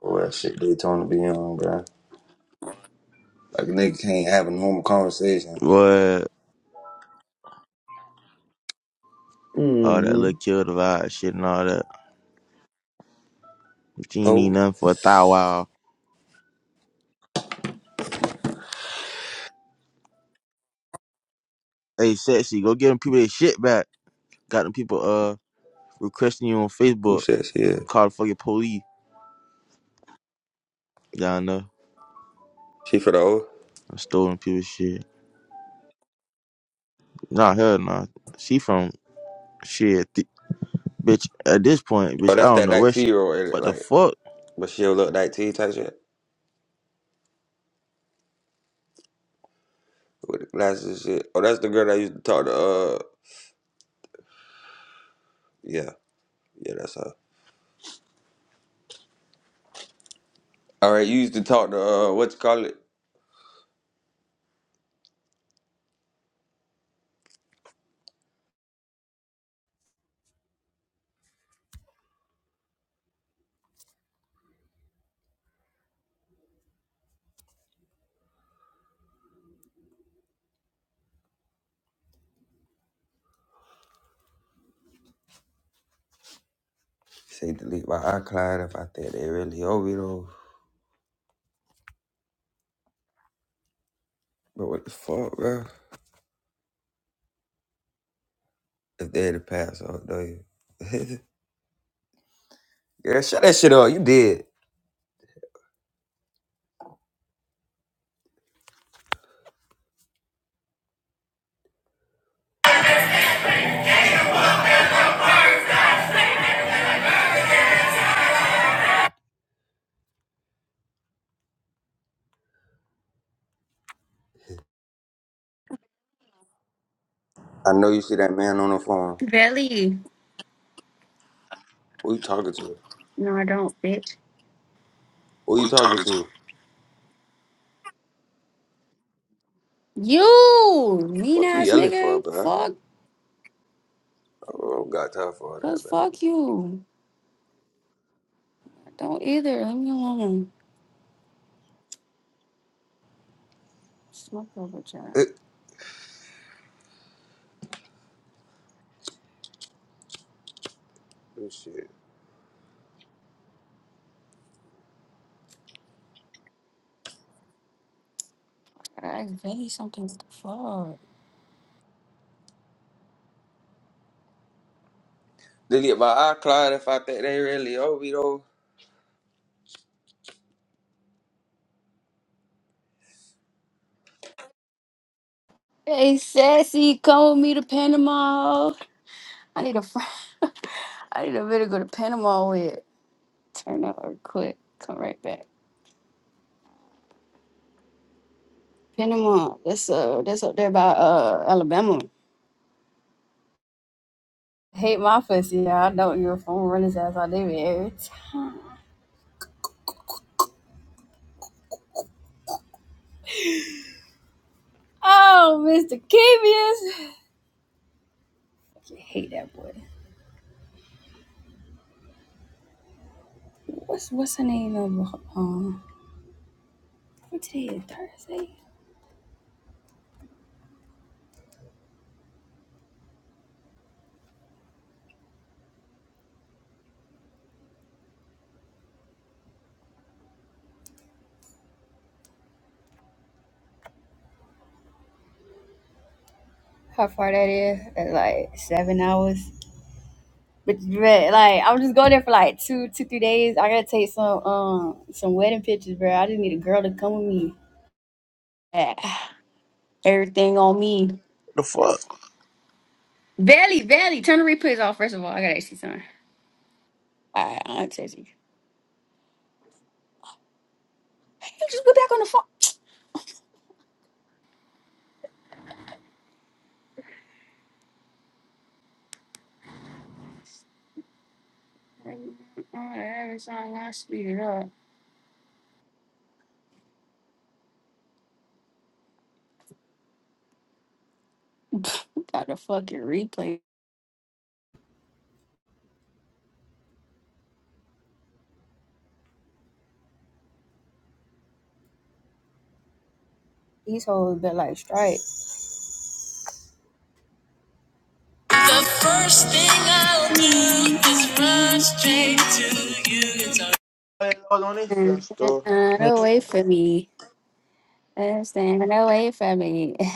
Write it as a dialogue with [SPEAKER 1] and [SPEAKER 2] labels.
[SPEAKER 1] Boy, that shit Daytona be on, bro. Like a nigga can't have a normal conversation.
[SPEAKER 2] What? All that little
[SPEAKER 1] Mm-hmm.
[SPEAKER 2] kill the vibe shit and all that. She ain't need
[SPEAKER 1] Oh,
[SPEAKER 2] nothing for a thou wow. Hey, sexy, go get them people their shit back. Got them people uh requesting you on
[SPEAKER 1] who
[SPEAKER 2] Facebook.
[SPEAKER 1] says she is?
[SPEAKER 2] Call the fucking police. Y'all know.
[SPEAKER 1] She for the O?
[SPEAKER 2] I stole them people's shit. Nah, hell nah. She from shit. Th- bitch, at this point,
[SPEAKER 1] Oh,
[SPEAKER 2] bitch, I
[SPEAKER 1] that's
[SPEAKER 2] don't
[SPEAKER 1] that
[SPEAKER 2] know where she.
[SPEAKER 1] 19 year old, ain't it?
[SPEAKER 2] What the
[SPEAKER 1] Like,
[SPEAKER 2] fuck?
[SPEAKER 1] but she'll look 19 type shit. With the glasses and shit. Oh, that's the girl that used to talk to, uh, yeah. Yeah, that's her. All right, you used to talk to, uh, what you call it? Say delete my iCloud if I think they really owe me though. But what the fuck, bro? If they had to pass, oh, do you? Girl, shut that shit up. You did. I know you see that man on the phone.
[SPEAKER 3] Belly.
[SPEAKER 1] Who you talking to?
[SPEAKER 3] No, I don't, bitch.
[SPEAKER 1] Who
[SPEAKER 3] Who
[SPEAKER 1] you
[SPEAKER 3] you
[SPEAKER 1] talking
[SPEAKER 3] talking to?
[SPEAKER 1] to?
[SPEAKER 3] You mean
[SPEAKER 1] Fuck you
[SPEAKER 3] ass
[SPEAKER 1] yelling for,
[SPEAKER 3] nigga.
[SPEAKER 1] bro.
[SPEAKER 3] Fuck.
[SPEAKER 1] I don't got time for all that,
[SPEAKER 3] Cause fuck you. I don't either. Leave me alone. Smoke over John.
[SPEAKER 1] man. Oh shit.
[SPEAKER 3] I really something to fuck.
[SPEAKER 1] They get my eye clouded if I think they really over me though.
[SPEAKER 3] Hey sassy, come with me to Panama. I need a friend. I need a bit to go to Panama with. Turn up or quick. Come right back. Panama. That's uh that's up there by uh Alabama. Hate my pussy, yeah. I know you're a phone running run his ass out there. Oh, Mr. Kevius. I hate that boy. What's what's her name? Um, um, what today is Thursday? How far that is? That's like seven hours. But, but like I'm just going there for like two, two, three days. I gotta take some um some wedding pictures, bro. I just need a girl to come with me. Ah, Everything on me.
[SPEAKER 2] What the fuck?
[SPEAKER 3] Valley, Valley, turn the replays off first of all. I gotta ask you something. Alright, I'll text you. Hey, You just go back on the phone. Alright, every time I speed it up. Got the fucking replay. These hoes been like strike. First thing I'll do is run straight
[SPEAKER 2] Hey, log on this film
[SPEAKER 3] And
[SPEAKER 2] store.
[SPEAKER 3] stand away from me. And stand away from me.